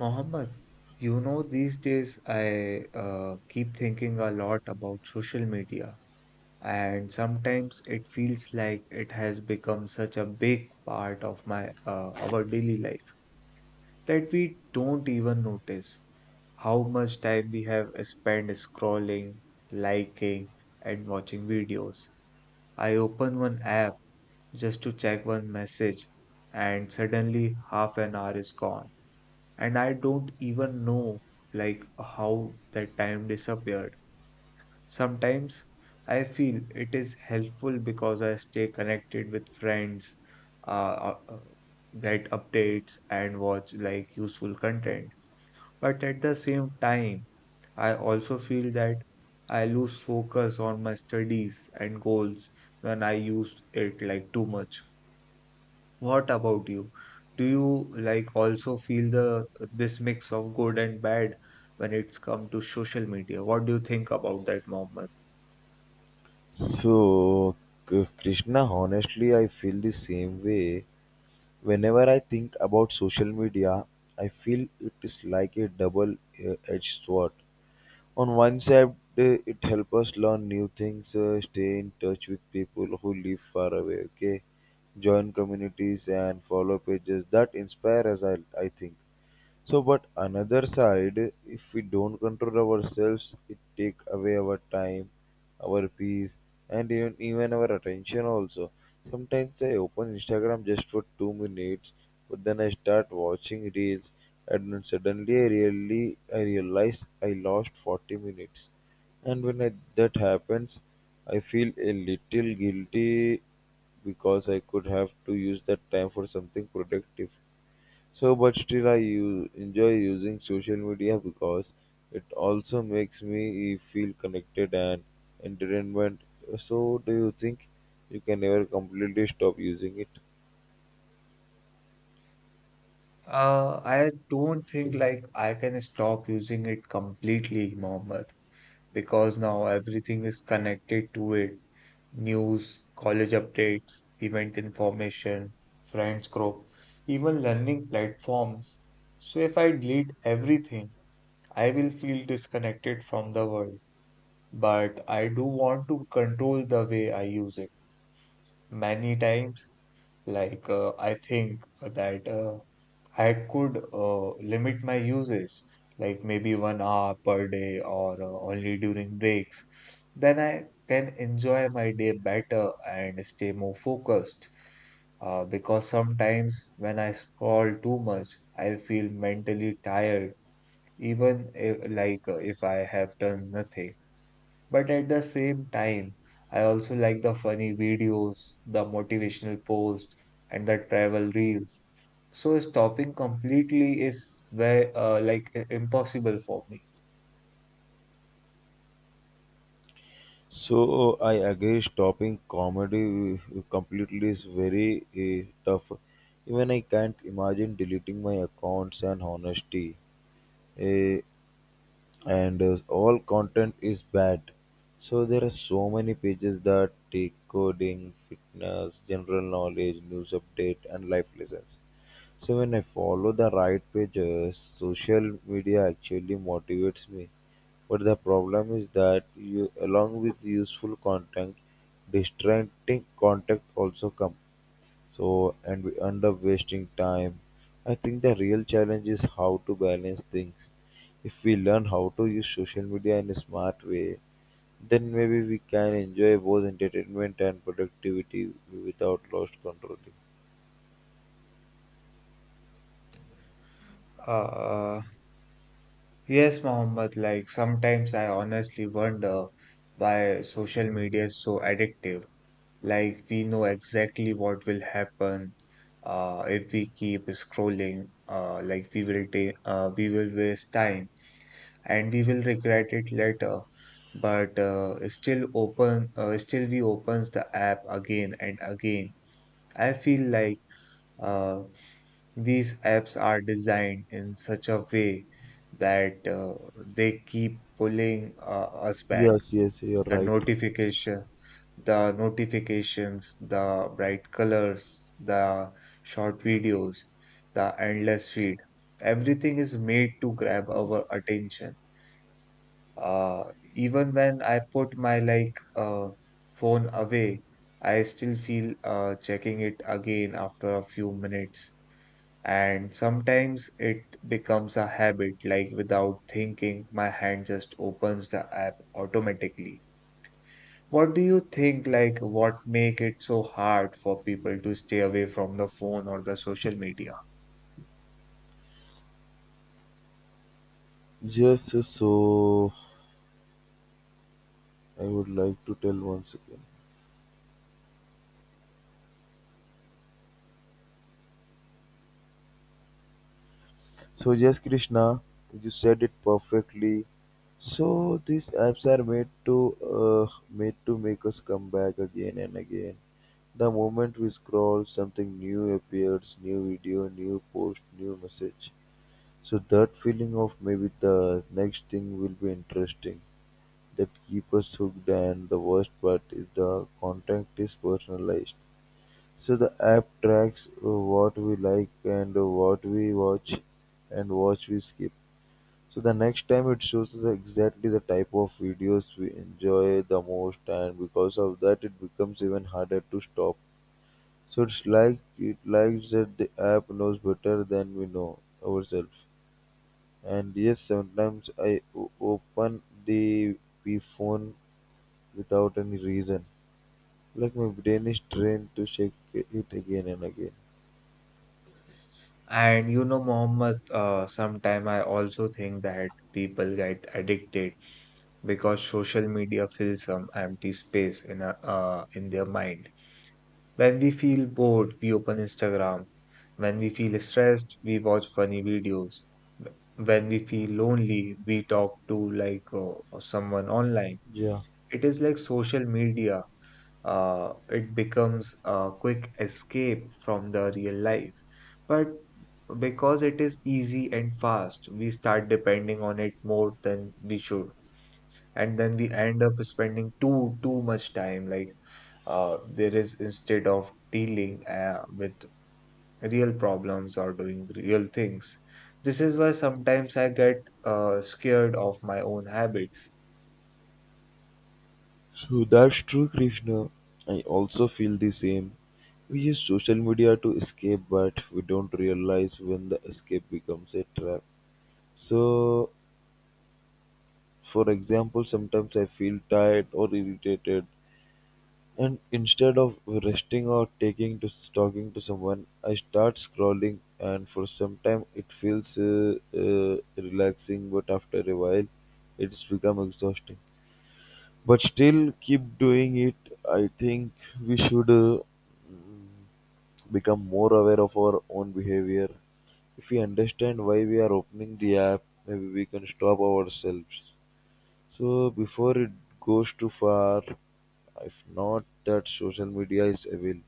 Mohammed, you know, these days I keep thinking a lot about social media, and sometimes it feels like it has become such a big part of my our daily life that we don't even notice how much time we have spent scrolling, liking, and watching videos. I open one app just to check one message, and suddenly half an hour is gone and I don't even know like how that time disappeared. Sometimes I feel it is helpful because I stay connected with friends, uh, uh, uh, get updates and watch like useful content. But at the same time, I also feel that I lose focus on my studies and goals when I use it like too much. What about you? Do you like also feel the this mix of good and bad when it's come to social media? What do you think about that, Mohammed? So, Krishna, honestly, I feel the same way. Whenever I think about social media, I feel it is like a double edged sword. On one side, it helps us learn new things, stay in touch with people who live far away, okay? Join communities and follow pages that inspire us, I think. So, but another side, if we don't control ourselves, it take away our time, our peace, and even our attention also. Sometimes I open Instagram just for 2 minutes, but then I start watching reels, and then suddenly I realize I lost 40 minutes. That happens, I feel a little guilty because I could have to use that time for something productive. So, but still, I enjoy using social media because it also makes me feel connected and entertainment. So, do you think you can never completely stop using it? I don't think like I can stop using it completely, Mohammed, because now everything is connected to it. News, college updates, event information, friends group, even learning platforms. So if I delete everything, I will feel disconnected from the world. But I do want to control the way I use it. Many times, I think that I could limit my usage, like maybe 1 hour per day or only during breaks. Then I can enjoy my day better and stay more focused. Because sometimes when I scroll too much, I feel mentally tired, even if I have done nothing. But at the same time, I also like the funny videos, the motivational posts, and the travel reels. So stopping completely is very impossible for me. So, I agree, stopping comedy completely is very tough. Even I can't imagine deleting my accounts and honesty. Eh, and all content is bad, so there are so many pages that take coding, fitness, general knowledge, news update, and life lessons. So when I follow the right pages, social media actually motivates me. But the problem is that you, along with useful content, distracting content also come, so, and we end up wasting time. I think the real challenge is how to balance things. If we learn how to use social media in a smart way, then maybe we can enjoy both entertainment and productivity without lost control. Uh, yes, Mohammed, like sometimes I honestly wonder why social media is so addictive. Like we know exactly what will happen if we keep scrolling. Like we will waste time and we will regret it later, but still we opens the app again and again. I feel like uh, these apps are designed in such a way that they keep pulling us back. Yes, yes, you're The right. notification the notifications, the bright colors, the short videos, the endless feed. Everything is made to grab our Yes. attention. Uh, Even when I put my phone away, I still feel checking it again after a few minutes. And sometimes it becomes a habit, like without thinking, my hand just opens the app automatically. What do you think, like what make it so hard for people to stay away from the phone or the social media? Yes, so I would like to tell once again. So yes, Krishna, you said it perfectly. So these apps are made to make us come back again and again. The moment we scroll, something new appears, new video, new post, new message. So that feeling of maybe the next thing will be interesting. That keep us hooked, and the worst part is the content is personalized. So the app tracks what we like and what we watch and watch we skip. So the next time it shows us exactly the type of videos we enjoy the most, and because of that, it becomes even harder to stop. So it's like it likes that the app knows better than we know ourselves. And yes, sometimes I open the P phone without any reason. Like my brain is trained to check it again and again. And you know, Mohammed, sometime I also think that people get addicted because social media fills some empty space in their mind. When we feel bored, we open Instagram. When we feel stressed, we watch funny videos. When we feel lonely, we talk to someone online. Yeah. It is like social media. It becomes a quick escape from the real life. But because it is easy and fast, we start depending on it more than we should, and then we end up spending too much time like there is instead of dealing with real problems or doing real things. This is why sometimes I get scared of my own habits. So that's true, Krishna. I also feel the same. We use social media to escape, but we don't realize when the escape becomes a trap. So, for example, sometimes I feel tired or irritated, and instead of resting or taking to talking to someone, I start scrolling. And for some time, it feels relaxing, but after a while, it's become exhausting, but still keep doing it. I think we should become more aware of our own behavior. If we understand why we are opening the app, maybe we can stop ourselves. So before it goes too far, if not that social media is evil.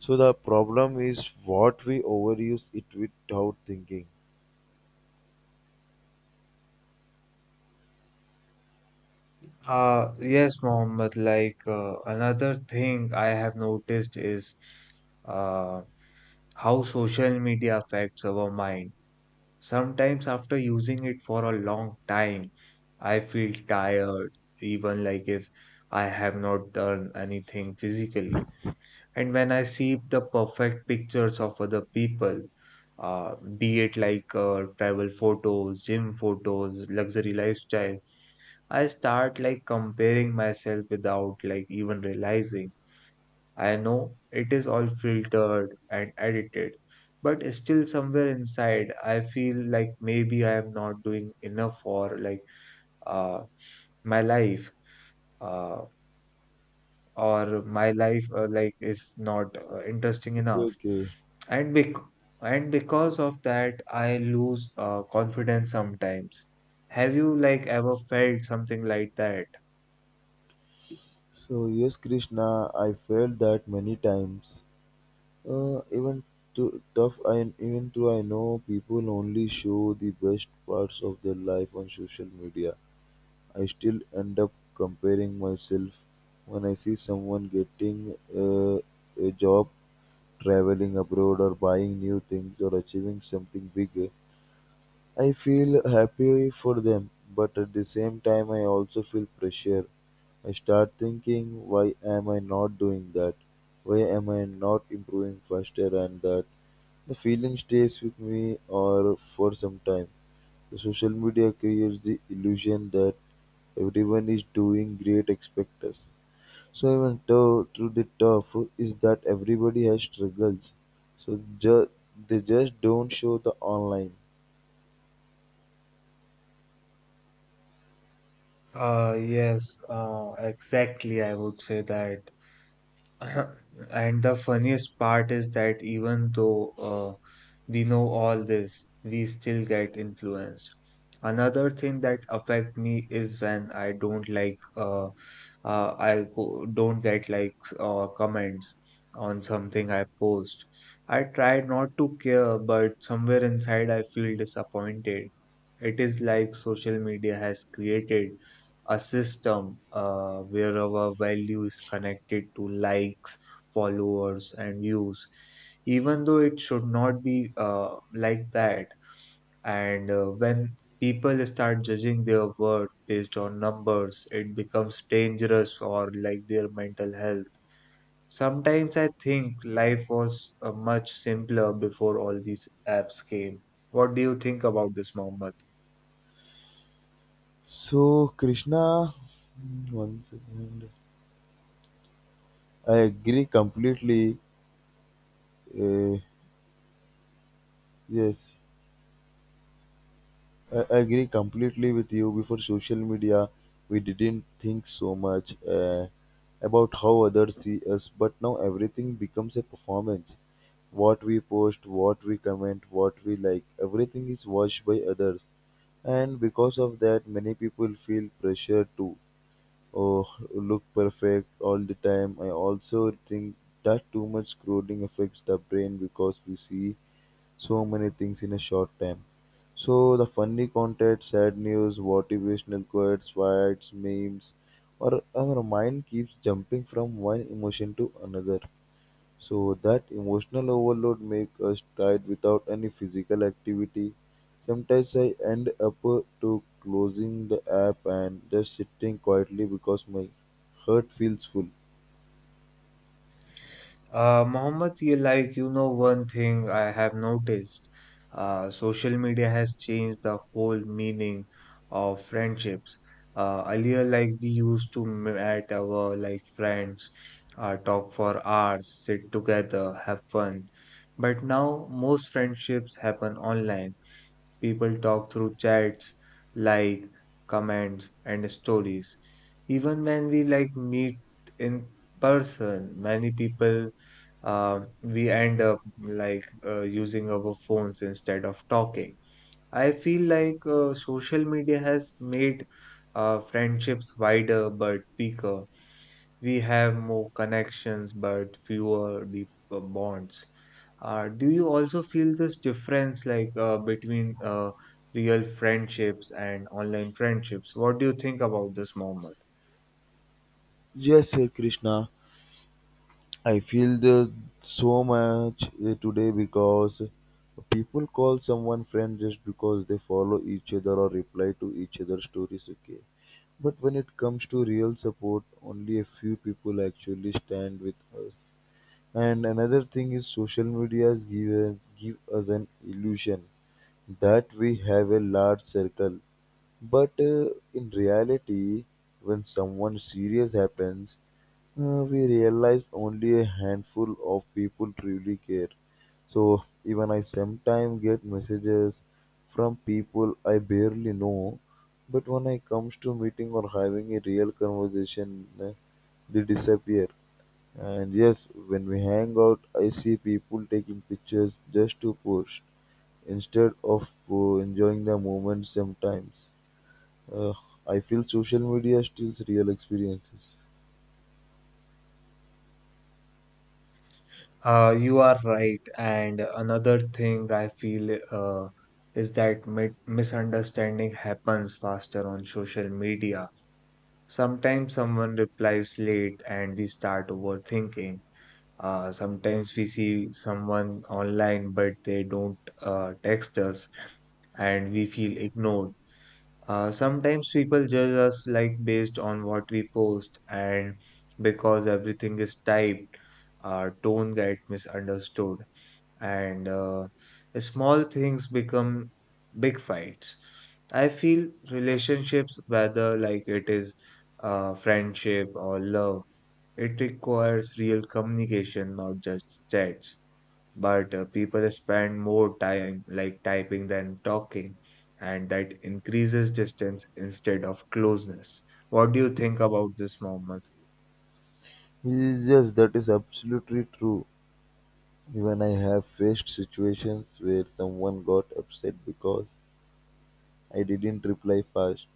So the problem is what we overuse it without thinking. Yes, Mohammed, another thing I have noticed is uh how social media affects our mind. Sometimes after using it for a long time, I feel tired, even like if I have not done anything physically. And when I see the perfect pictures of other people, be it travel photos, gym photos, luxury lifestyle, I start like comparing myself without like even realizing. I know it is all filtered and edited, but still somewhere inside, I feel like maybe I am not doing enough for uh, my life, uh, or my life is not interesting Okay, enough, okay. and bec and because of that, I lose confidence sometimes. Have you like ever felt something like that? So yes, Krishna, I felt that many times. Even to tough, I even though I know people only show the best parts of their life on social media. I still end up comparing myself when I see someone getting a job, traveling abroad, or buying new things, or achieving something big. I feel happy for them, but at the same time, I also feel pressure. I start thinking, why am I not doing that? Why am I not improving faster? And that the feeling stays with me or for some time. The social media creates the illusion that everyone is doing great, expect us. So even though through the tough is that everybody has struggles. So ju- they just don't show the online. Yes, exactly. I would say that and the funniest part is that even though we know all this, we still get influenced. Another thing that affect me is when I don't don't get likes or comments on something I post. I try not to care, but somewhere inside I feel disappointed. It is like social media has created a system where our value is connected to likes, followers, and views, even though it should not be like that. And when people start judging their worth based on numbers, it becomes dangerous for like their mental health. Sometimes I think life was much simpler before all these apps came. What do you think about this, Mohammed? So, Krishna, one second. I agree completely. Uh, yes, I agree completely with you. Before social media, we didn't think so much about how others see us, but now everything becomes a performance. What we post, what we comment, what we like, everything is watched by others. And because of that, many people feel pressured to, or look perfect all the time. I also think that too much scrolling affects the brain because we see so many things in a short time. So the funny content, sad news, motivational quotes, fights, memes, or our mind keeps jumping from one emotion to another. So that emotional overload make us tired without any physical activity. Sometimes I end up to closing the app and just sitting quietly because my heart feels full. Mohammed, you know one thing I have noticed. Social media has changed the whole meaning of friendships. Earlier, like we used to meet our like friends, talk for hours, sit together, have fun. But now most friendships happen online. People talk through chats, like, comments, and stories. Even when we like meet in person, many people we end up using our phones instead of talking. I feel like social media has made friendships wider but weaker. We have more connections but fewer deep bonds. Do you also feel this difference between real friendships and online friendships? What do you think about this, Mohammed? Yes, Krishna. I feel the so much today because people call someone friend just because they follow each other or reply to each other's stories. Okay, but when it comes to real support, only a few people actually stand with us. And another thing is social media has given give us an illusion that we have a large circle. But in reality, when someone serious happens, we realize only a handful of people truly care. So even I sometimes get messages from people I barely know, but when I comes to meeting or having a real conversation, they disappear. And yes, when we hang out, I see people taking pictures just to post instead of enjoying the moment sometimes. Uh, I feel social media steals real experiences. You are right. And another thing I feel is that misunderstanding happens faster on social media. Sometimes someone replies late and we start overthinking. Sometimes we see someone online but they don't text us and we feel ignored. Sometimes people judge us like based on what we post, and because everything is typed, our tone get misunderstood, and small things become big fights. I feel relationships, whether it is friendship or love, it requires real communication, not just chats, but people spend more time like typing than talking, and that increases distance instead of closeness. What do you think about this, Mohammed? Yes, yes, that is absolutely true. Even I have faced situations where someone got upset because I didn't reply fast,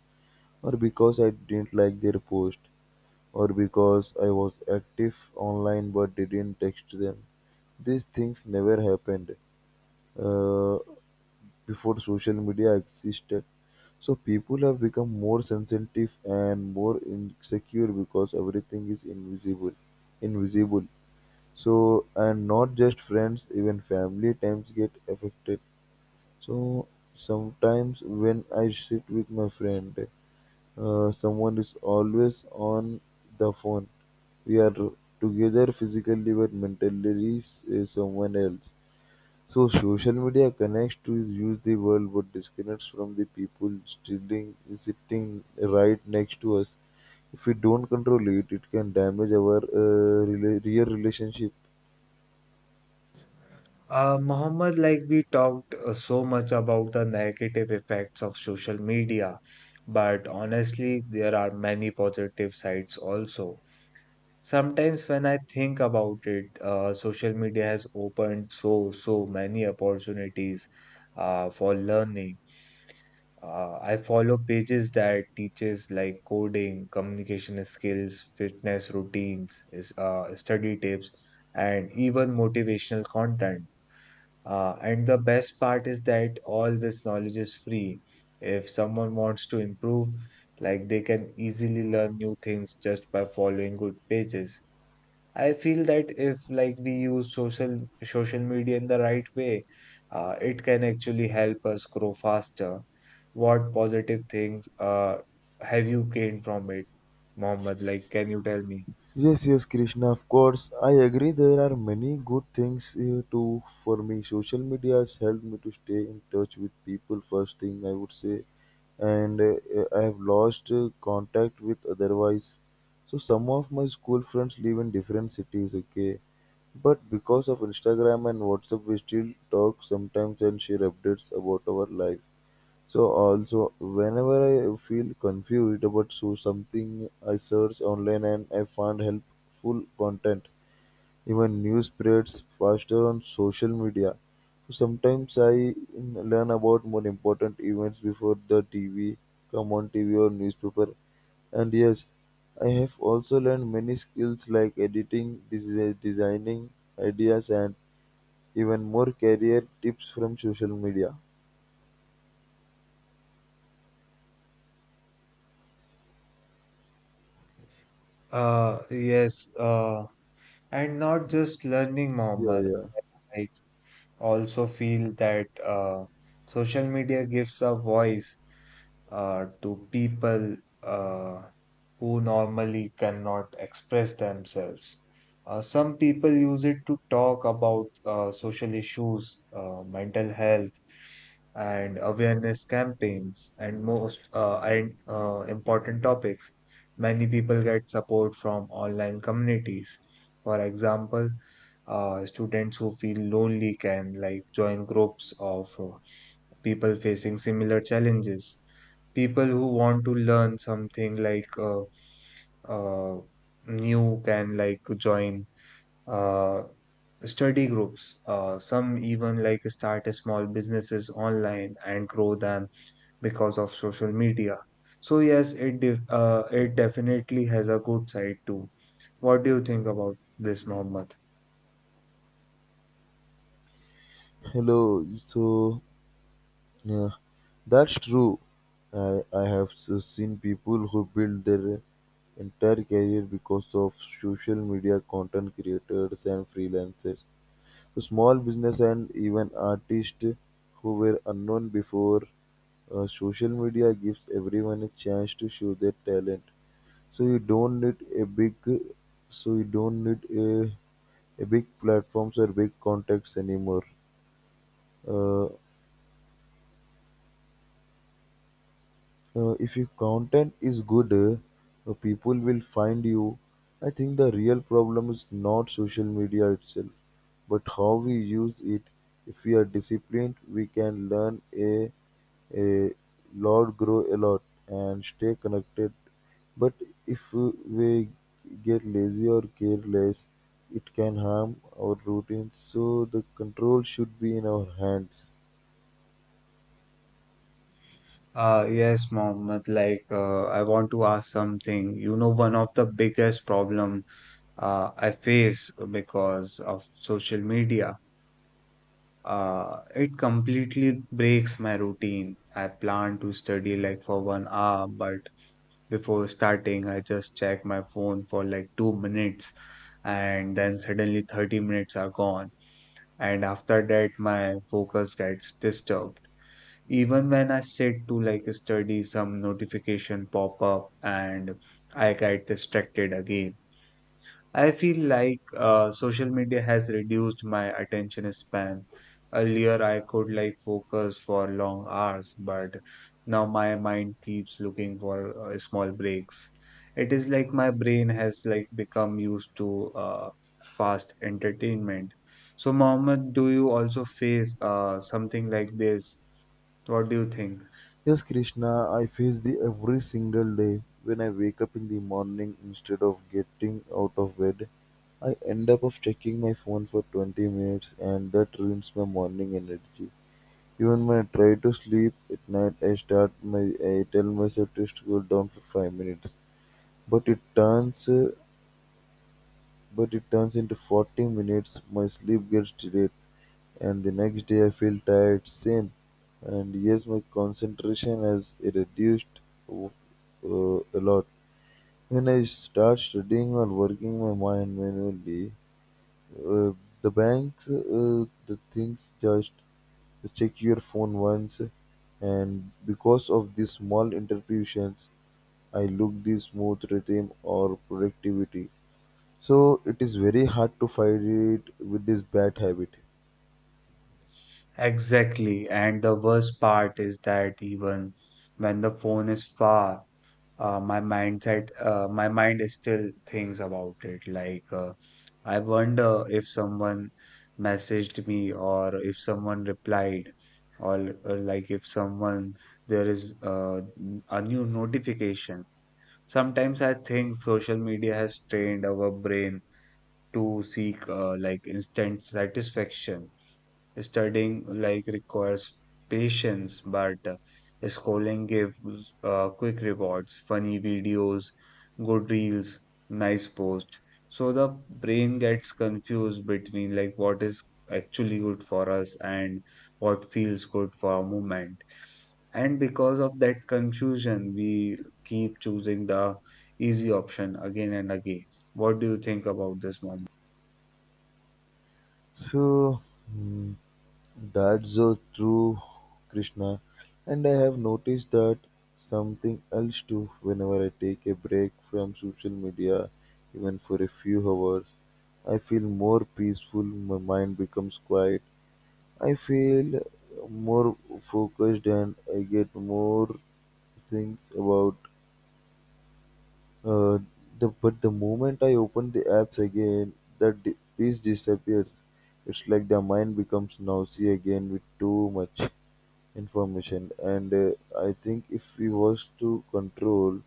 or because I didn't like their post, or because I was active online but didn't text them. These things never happened, uh, before social media existed. So people have become more sensitive and more insecure because everything is invisible, invisible. So and not just friends, even family times get affected. So sometimes when I sit with my friend, someone is always on the phone. We are together physically, but mentally is someone else. So social media connects to use the world but disconnects from the people sitting right next to us. If we don't control it, it can damage our real relationship. Mohammed, like we talked so much about the negative effects of social media, but honestly, there are many positive sides also. Sometimes when I think about it, social media has opened so, so many opportunities for learning. I follow pages that teaches like coding, communication skills, fitness routines, is study tips, and even motivational content. And the best part is that all this knowledge is free. If someone wants to improve, like they can easily learn new things just by following good pages. I feel that if like we use social media in the right way, it can actually help us grow faster. What positive things have you gained from it, Mohammed? Like, can you tell me? Yes, yes, Krishna, of course. I agree there are many good things too for me. Social media has helped me to stay in touch with people, first thing I would say. And I have lost contact with otherwise. So some of my school friends live in different cities, okay? But because of Instagram and WhatsApp, we still talk sometimes and share updates about our life. So also, whenever I feel confused about so something, I search online and I find helpful content. Even news spreads faster on social media. So sometimes I learn about more important events before the TV come on TV or newspaper. And yes, I have also learned many skills like editing, designing ideas, and even more career tips from social media. Uh, yes, uh, and not just learning, Yeah, Mohammed. yeah. Also feel that social media gives a voice to people uh, who normally cannot express themselves. Some people use it to talk about social issues, mental health, and awareness campaigns, and most and important topics. Many people get support from online communities. For example, students who feel lonely can like join groups of people facing similar challenges. People who want to learn something uh, new can like join uh, study groups. Some even like start a small businesses online and grow them because of social media. So yes, it definitely has a good side too. What do you think about this, Mohammed? Hello. So yeah, that's true. I have seen people who build their entire career because of social media content creators and freelancers. Small business and even artists who were unknown before social media gives everyone a chance to show their talent. So you don't need a big, so you don't need a big platforms or big contacts anymore. Uh, if your content is good, people will find you. I think the real problem is not social media itself, but how we use it. If we are disciplined, we can learn a lot, grow a lot, and stay connected. But if we get lazy or careless, it can harm our routine, so the control should be in our hands. Yes, Mohammed. I want to ask something. You know, one of the biggest problem I face because of social media, it completely breaks my routine. I plan to study like for 1 hour, but before starting, I just check my phone for like 2 minutes, and then suddenly 30 minutes are gone. And after that, my focus gets disturbed. Even when I sit to like study, some notification pop up and I get distracted again. I feel like social media has reduced my attention span. Earlier, I could like focus for long hours, but now my mind keeps looking for small breaks. It is like my brain has like become used to fast entertainment. So, Mohammed, do you also face something like this? What do you think? Yes, Krishna, I face the every single day. When I wake up in the morning, instead of getting out of bed, I end up of checking my phone for 20 minutes, and that ruins my morning energy. Even when I try to sleep at night, I start my I tell myself to scroll down for 5 minutes, but it turns uh, but it turns into 40 minutes, my sleep gets delayed, and the next day I feel tired, same. And yes, my concentration has reduced a lot. When I start studying or working my mind manually, uh, the banks, the things just check your phone once, and because of these small interruptions, I look this smooth rhythm or productivity. So it is very hard to fight it with this bad habit. Exactly. And the worst part is that even when the phone is far, my mind is still thinks about it. I wonder if someone messaged me or if someone replied, or like if someone there is a new notification. Sometimes I think social media has trained our brain to seek like instant satisfaction. Studying like requires patience, but scrolling gives quick rewards, funny videos, good reels, nice post. So the brain gets confused between like what is actually good for us and what feels good for a moment. And because of that confusion, we keep choosing the easy option again and again. What do you think about this, Mom? So hmm, that's so true, Krishna. And I have noticed that something else too whenever I take a break from social media, even for a few hours, I feel more peaceful, my mind becomes quiet. I feel more focused and I get more things about Uh, but the moment I open the apps again, piece disappears. It's like the mind becomes noisy again with too much information. And I think if we was to control,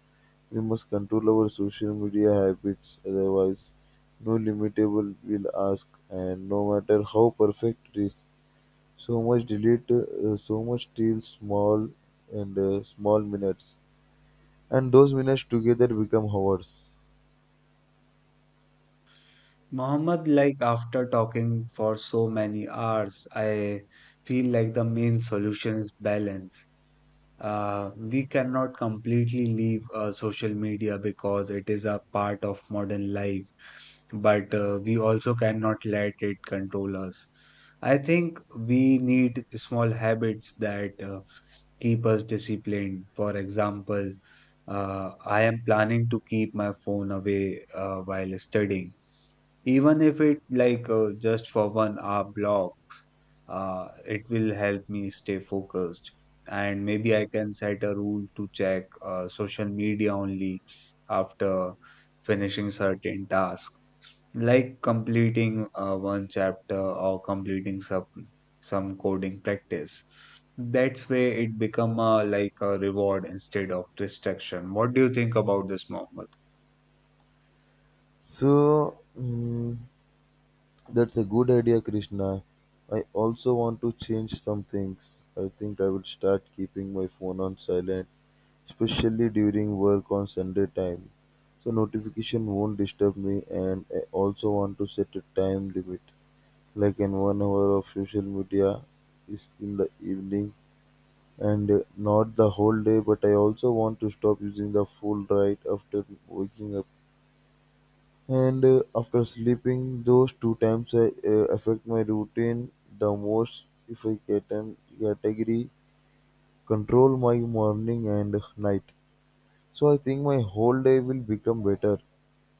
we must control our social media habits. Otherwise, no limitable will ask, and no matter how perfect it is, so much delete, so much till small and small minutes, and those minutes together become hours. Mohammed, like after talking for so many hours, I feel like the main solution is balance. We cannot completely leave social media because it is a part of modern life, but we also cannot let it control us. I think we need small habits that keep us disciplined. For example, I am planning to keep my phone away while studying, even if it like just for 1 hour block, it will help me stay focused, and maybe I can set a rule to check social media only after finishing certain task, like completing one chapter or completing some coding practice. That's way it become a like a reward instead of distraction. What do you think about this, Mohammed? So, mm, that's a good idea, Krishna. I also want to change some things. I think I will start keeping my phone on silent, especially during work on Sunday time. So notification won't disturb me and I also want to set a time limit, like in 1 hour of social media is in the evening and not the whole day, but I also want to stop using the full right after waking up. And After sleeping those two times, I affect my routine the most if I get an category control my morning and night. So I think my whole day will become better.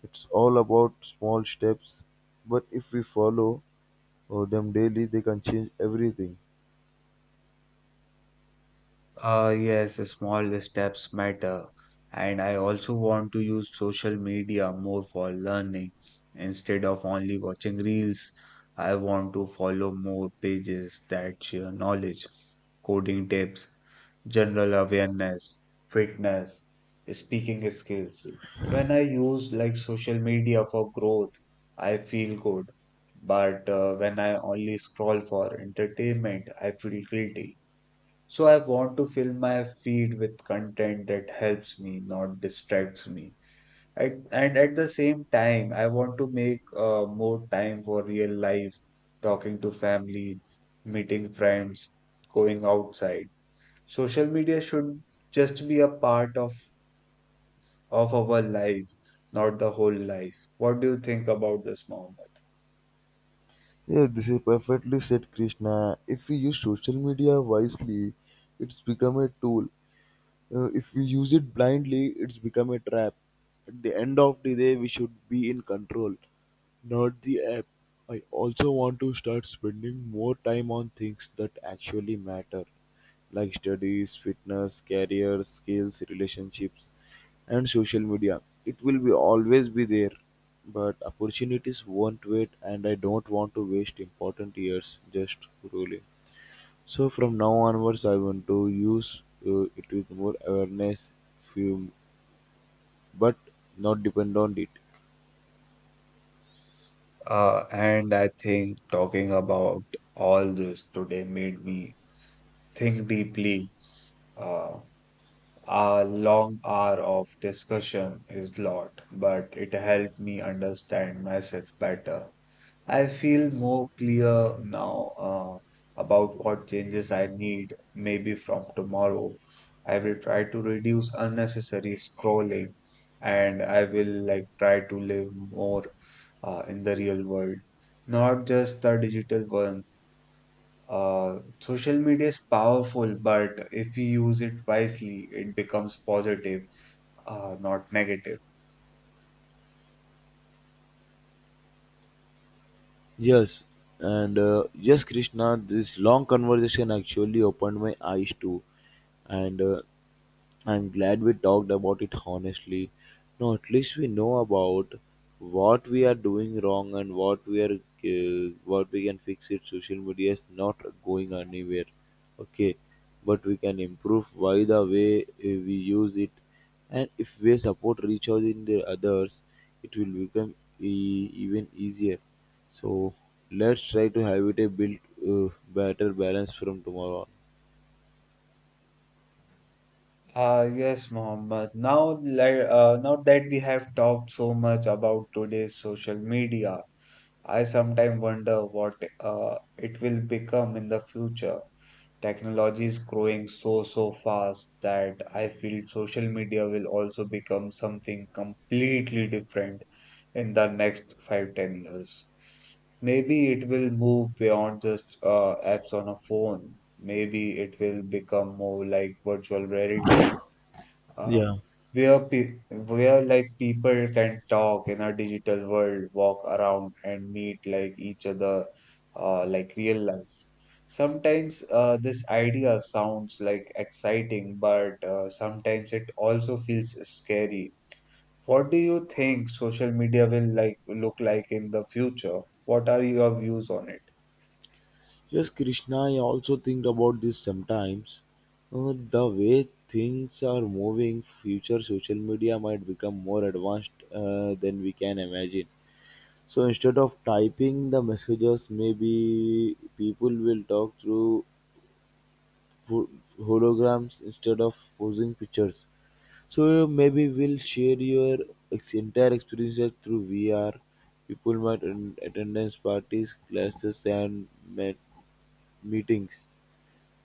It's all about small steps, but if we follow them daily, they can change everything. Yes, small steps matter. And I also want to use social media more for learning instead of only watching reels. I want to follow more pages that share knowledge, coding tips, general awareness, fitness, speaking skills. When I use like social media for growth, I feel good. But when I only scroll for entertainment, I feel guilty. So I want to fill my feed with content that helps me, not distracts me. At, and at the same time, I want to make more time for real life, talking to family, meeting friends, going outside. Social media should just be a part of our life, not the whole life. What do you think about this, Mohammed? Yeah, this is perfectly said, Krishna. If we use social media wisely, it's become a tool, if we use it blindly it's become a trap. At the end of the day we should be in control, not the app. I also want to start spending more time on things that actually matter, like studies, fitness, career, skills, relationships, and social media. It will be always be there, but opportunities won't wait and I don't want to waste important years just scrolling. So from now onwards, I want to use it with more awareness, few, but not depend on it. And I think talking about all this today made me think deeply. Uh, A long hour of discussion is lot, but it helped me understand myself better. I feel more clear now about what changes I need. Maybe from tomorrow, I will try to reduce unnecessary scrolling, and I will like try to live more in the real world, not just the digital one. Social media is powerful, but if we use it wisely, it becomes positive. Not negative. Yes, yes, Krishna, this long conversation actually opened my eyes too, and I'm glad we talked about it honestly. Now, at least we know about what we are doing wrong and what we are what we can fix it. Social media is not going anywhere, okay, but we can improve by the way we use it, and if we support each other in the others, it will become even easier. So let's try to have it a built better balance from tomorrow on. Yes, Mohammed. Now, now that we have talked so much about today's social media, I sometimes wonder what it will become in the future. Technology is growing so fast that I feel social media will also become something completely different in the next 5 to 10 years. Maybe it will move beyond just apps on a phone. Maybe it will become more like virtual reality, uh, Yeah. where like people can talk in a digital world, walk around and meet like each other, like real life. Sometimes this idea sounds like exciting, but sometimes it also feels scary. What do you think social media will like look like in the future? What are your views on it? Yes, Krishna, I also think about this sometimes. The way things are moving, future social media might become more advanced than we can imagine. So instead of typing the messages, maybe people will talk through ho- holograms instead of posing pictures. So maybe we'll share your entire experiences through VR. People might attendance parties, classes, and met meetings.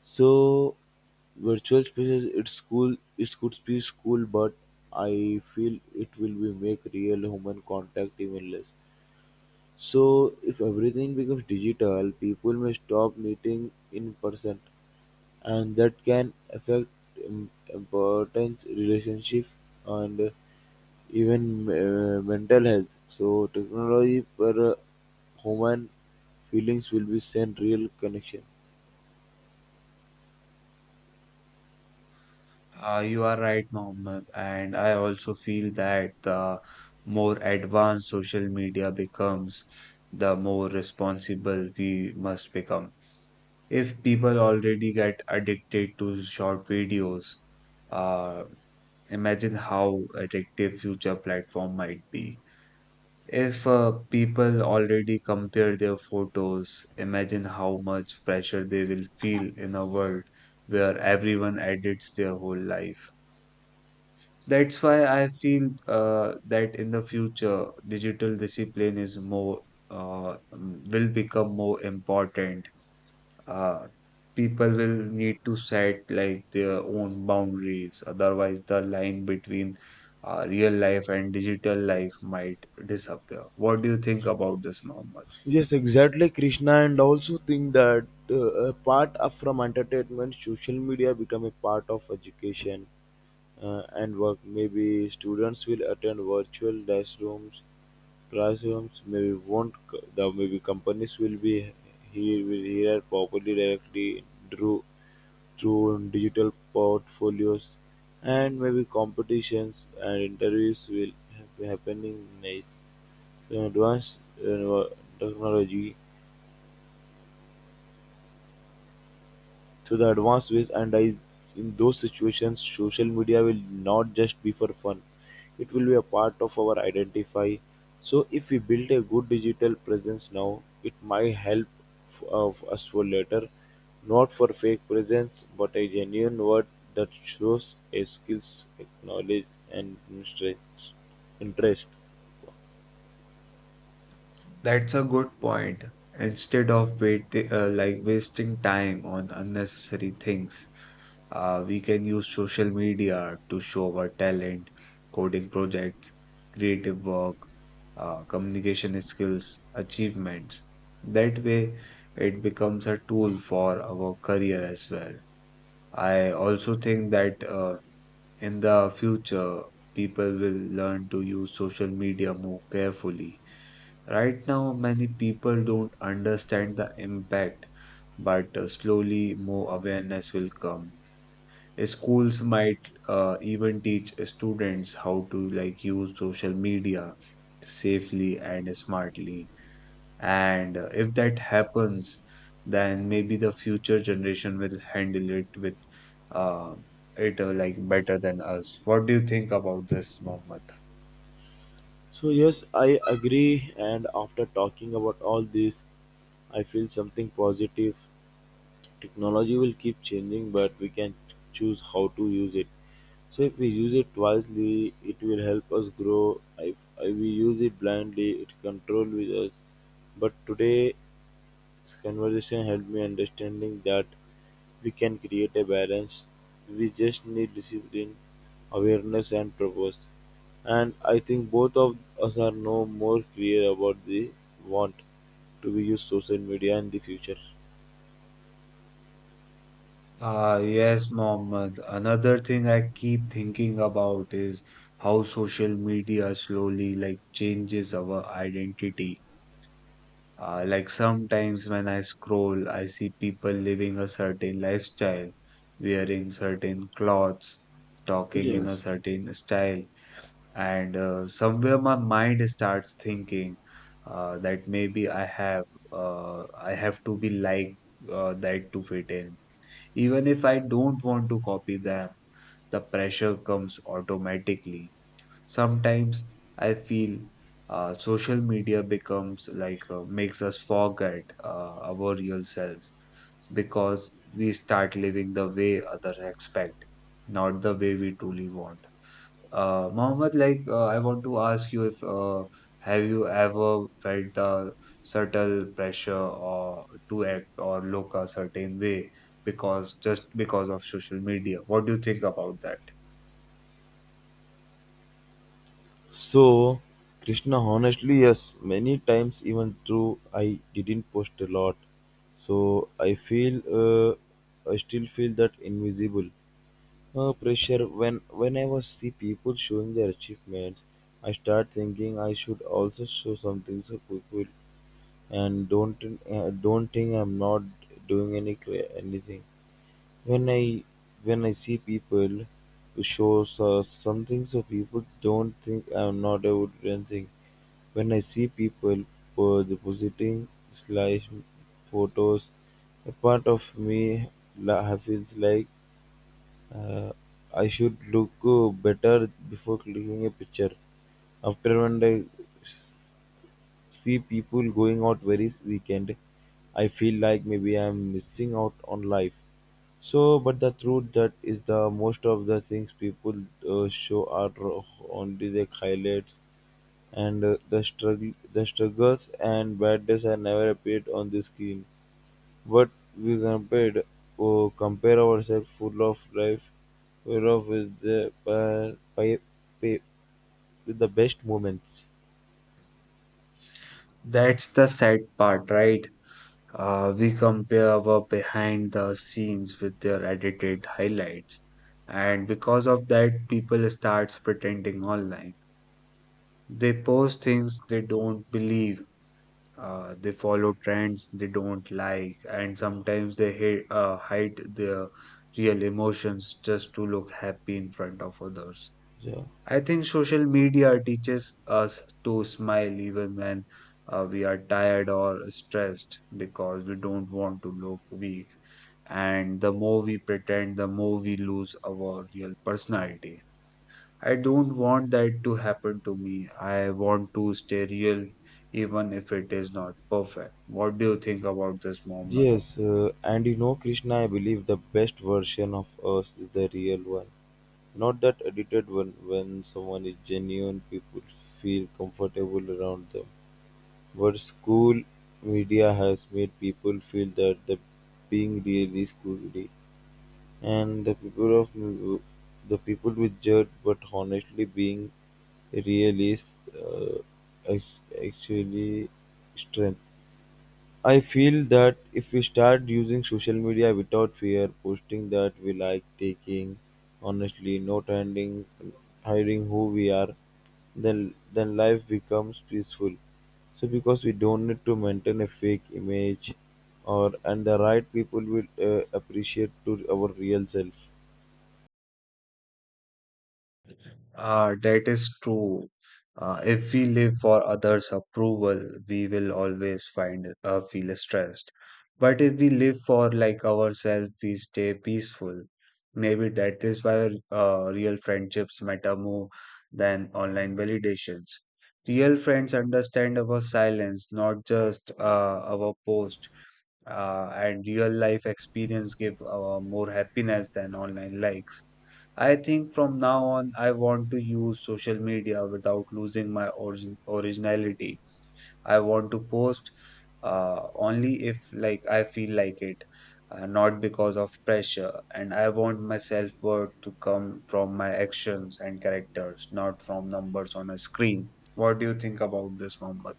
So virtual spaces, it's cool. It could be cool, but I feel it will be make real human contact even less. So if everything becomes digital, people may stop meeting in person, and that can affect importance relationship and even mental health. So technology per human feelings will be sent real connection. You are right, Mohammed, and I also feel that the more advanced social media becomes, the more responsible we must become. If people already get addicted to short videos, uh, imagine how addictive future platform might be. If people already compare their photos, imagine how much pressure they will feel in a world where everyone edits their whole life. That's why I feel that in the future, digital discipline is more will become more important. Uh, People will need to set like their own boundaries. Otherwise, the line between real life and digital life might disappear. What do you think about this, Mohammed? Yes, exactly, Krishna, and also think that from entertainment, social media become a part of education and work. Maybe students will attend virtual classrooms. Maybe won't. The maybe companies will be here will hear properly directly through through digital portfolios and maybe competitions and interviews will be happening. Nice, advanced uh, technology. So the advanced ways and I in those situations social media will not just be for fun. It will be a part of our identify. So if we build a good digital presence now, it might help of us for later, not for fake presence, but a genuine word that shows a skills, knowledge, and interest. That's a good point. Instead of like wasting time on unnecessary things, we can use social media to show our talent, coding projects, creative work, communication skills, achievements. That way, it becomes a tool for our career as well. I also think that in the future, people will learn to use social media more carefully. Right now, many people don't understand the impact, but slowly more awareness will come. Schools might even teach students how to like use social media safely and smartly. And if that happens, then maybe the future generation will handle it with uh, it like better than us. What do you think about this, Mohammed? So yes, I agree. And after talking about all this, I feel something positive. Technology will keep changing, but we can choose how to use it. So if we use it wisely, it will help us grow. If we use it blindly, it control with us. But today's conversation helped me understanding that we can create a balance. We just need discipline, awareness, and purpose. And I think both of us are no more clear about the want to be use social media in the future. Ah, yes, Mohammed. Another thing I keep thinking about is how social media slowly like changes our identity. Like sometimes when I scroll, I see people living a certain lifestyle, wearing certain clothes, talking in a Yes. certain style, and somewhere my mind starts thinking that maybe I have to be like that, to fit in. Even if I don't want to copy them, the pressure comes automatically. Sometimes I feel social media becomes like makes us forget our real selves, because we start living the way others expect, not the way we truly want. Mohammed, like I want to ask you if have you ever felt the subtle pressure or to act or look a certain way because just because of social media? What do you think about that? So, Krishna, honestly, yes, many times, even though I didn't post a lot. So, I still feel that invisible pressure when I was see people showing their achievements, I start thinking I should also show something so people and don't think I'm not doing anything when I when I see people who shows us something so people don't think I'm not a wooden thing. When I see people for the positing photos, a part of me feels like uh, I should look better before clicking a picture. After when I s- see people going out very weekend, I feel like maybe I'm missing out on life. So, but the truth that is the most of the things people show are only the highlights, and the struggles and bad days are never appeared on the screen. But we compared oh, compare ourselves, full of life, full of with the pi- with the best moments. That's the sad part, right? We compare our behind the scenes with their edited highlights, and because of that, people starts pretending online. They post things they don't believe. They follow trends they don't like, and sometimes they hide their real emotions just to look happy in front of others. Yeah. I think social media teaches us to smile even when we are tired or stressed because we don't want to look weak. And the more we pretend, the more we lose our real personality. I don't want that to happen to me. I want to stay real, even if it is not perfect. What do you think about this moment? Yes, and you know, Krishna, I believe the best version of us is the real one, not that edited one. When someone is genuine, people feel comfortable around them. But school media has made people feel that the being real is cool. Really. And the people of the people with judge, but honestly, being realist ac- actually strength. I feel that if we start using social media without fear, posting that we like, taking honestly, not hiding, hiding who we are, then life becomes peaceful. So because we don't need to maintain a fake image, or and the right people will appreciate to our real self. That is true. If we live for others' approval, we will always find feel stressed. But if we live for like ourselves, we stay peaceful. Maybe that is why real friendships matter more than online validations. Real friends understand our silence, not just our post. And real life experience give more happiness than online likes. I think from now on, I want to use social media without losing my originality. I want to post only if like I feel like it, not because of pressure. And I want my self-worth to come from my actions and characters, not from numbers on a screen. What do you think about this, Mohammed?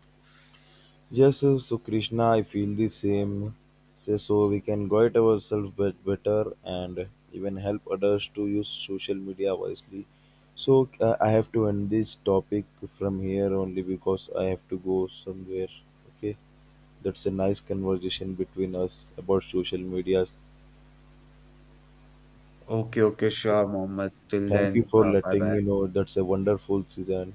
Yes, so Krishna, I feel the same. So, we can guide ourselves better and even help others to use social media wisely. So I have to end this topic from here only because I have to go somewhere. Okay, that's a nice conversation between us about social medias. Okay, okay, sure, Mohammed. Till Thank you then, for bye letting bye. me know. That's a wonderful season.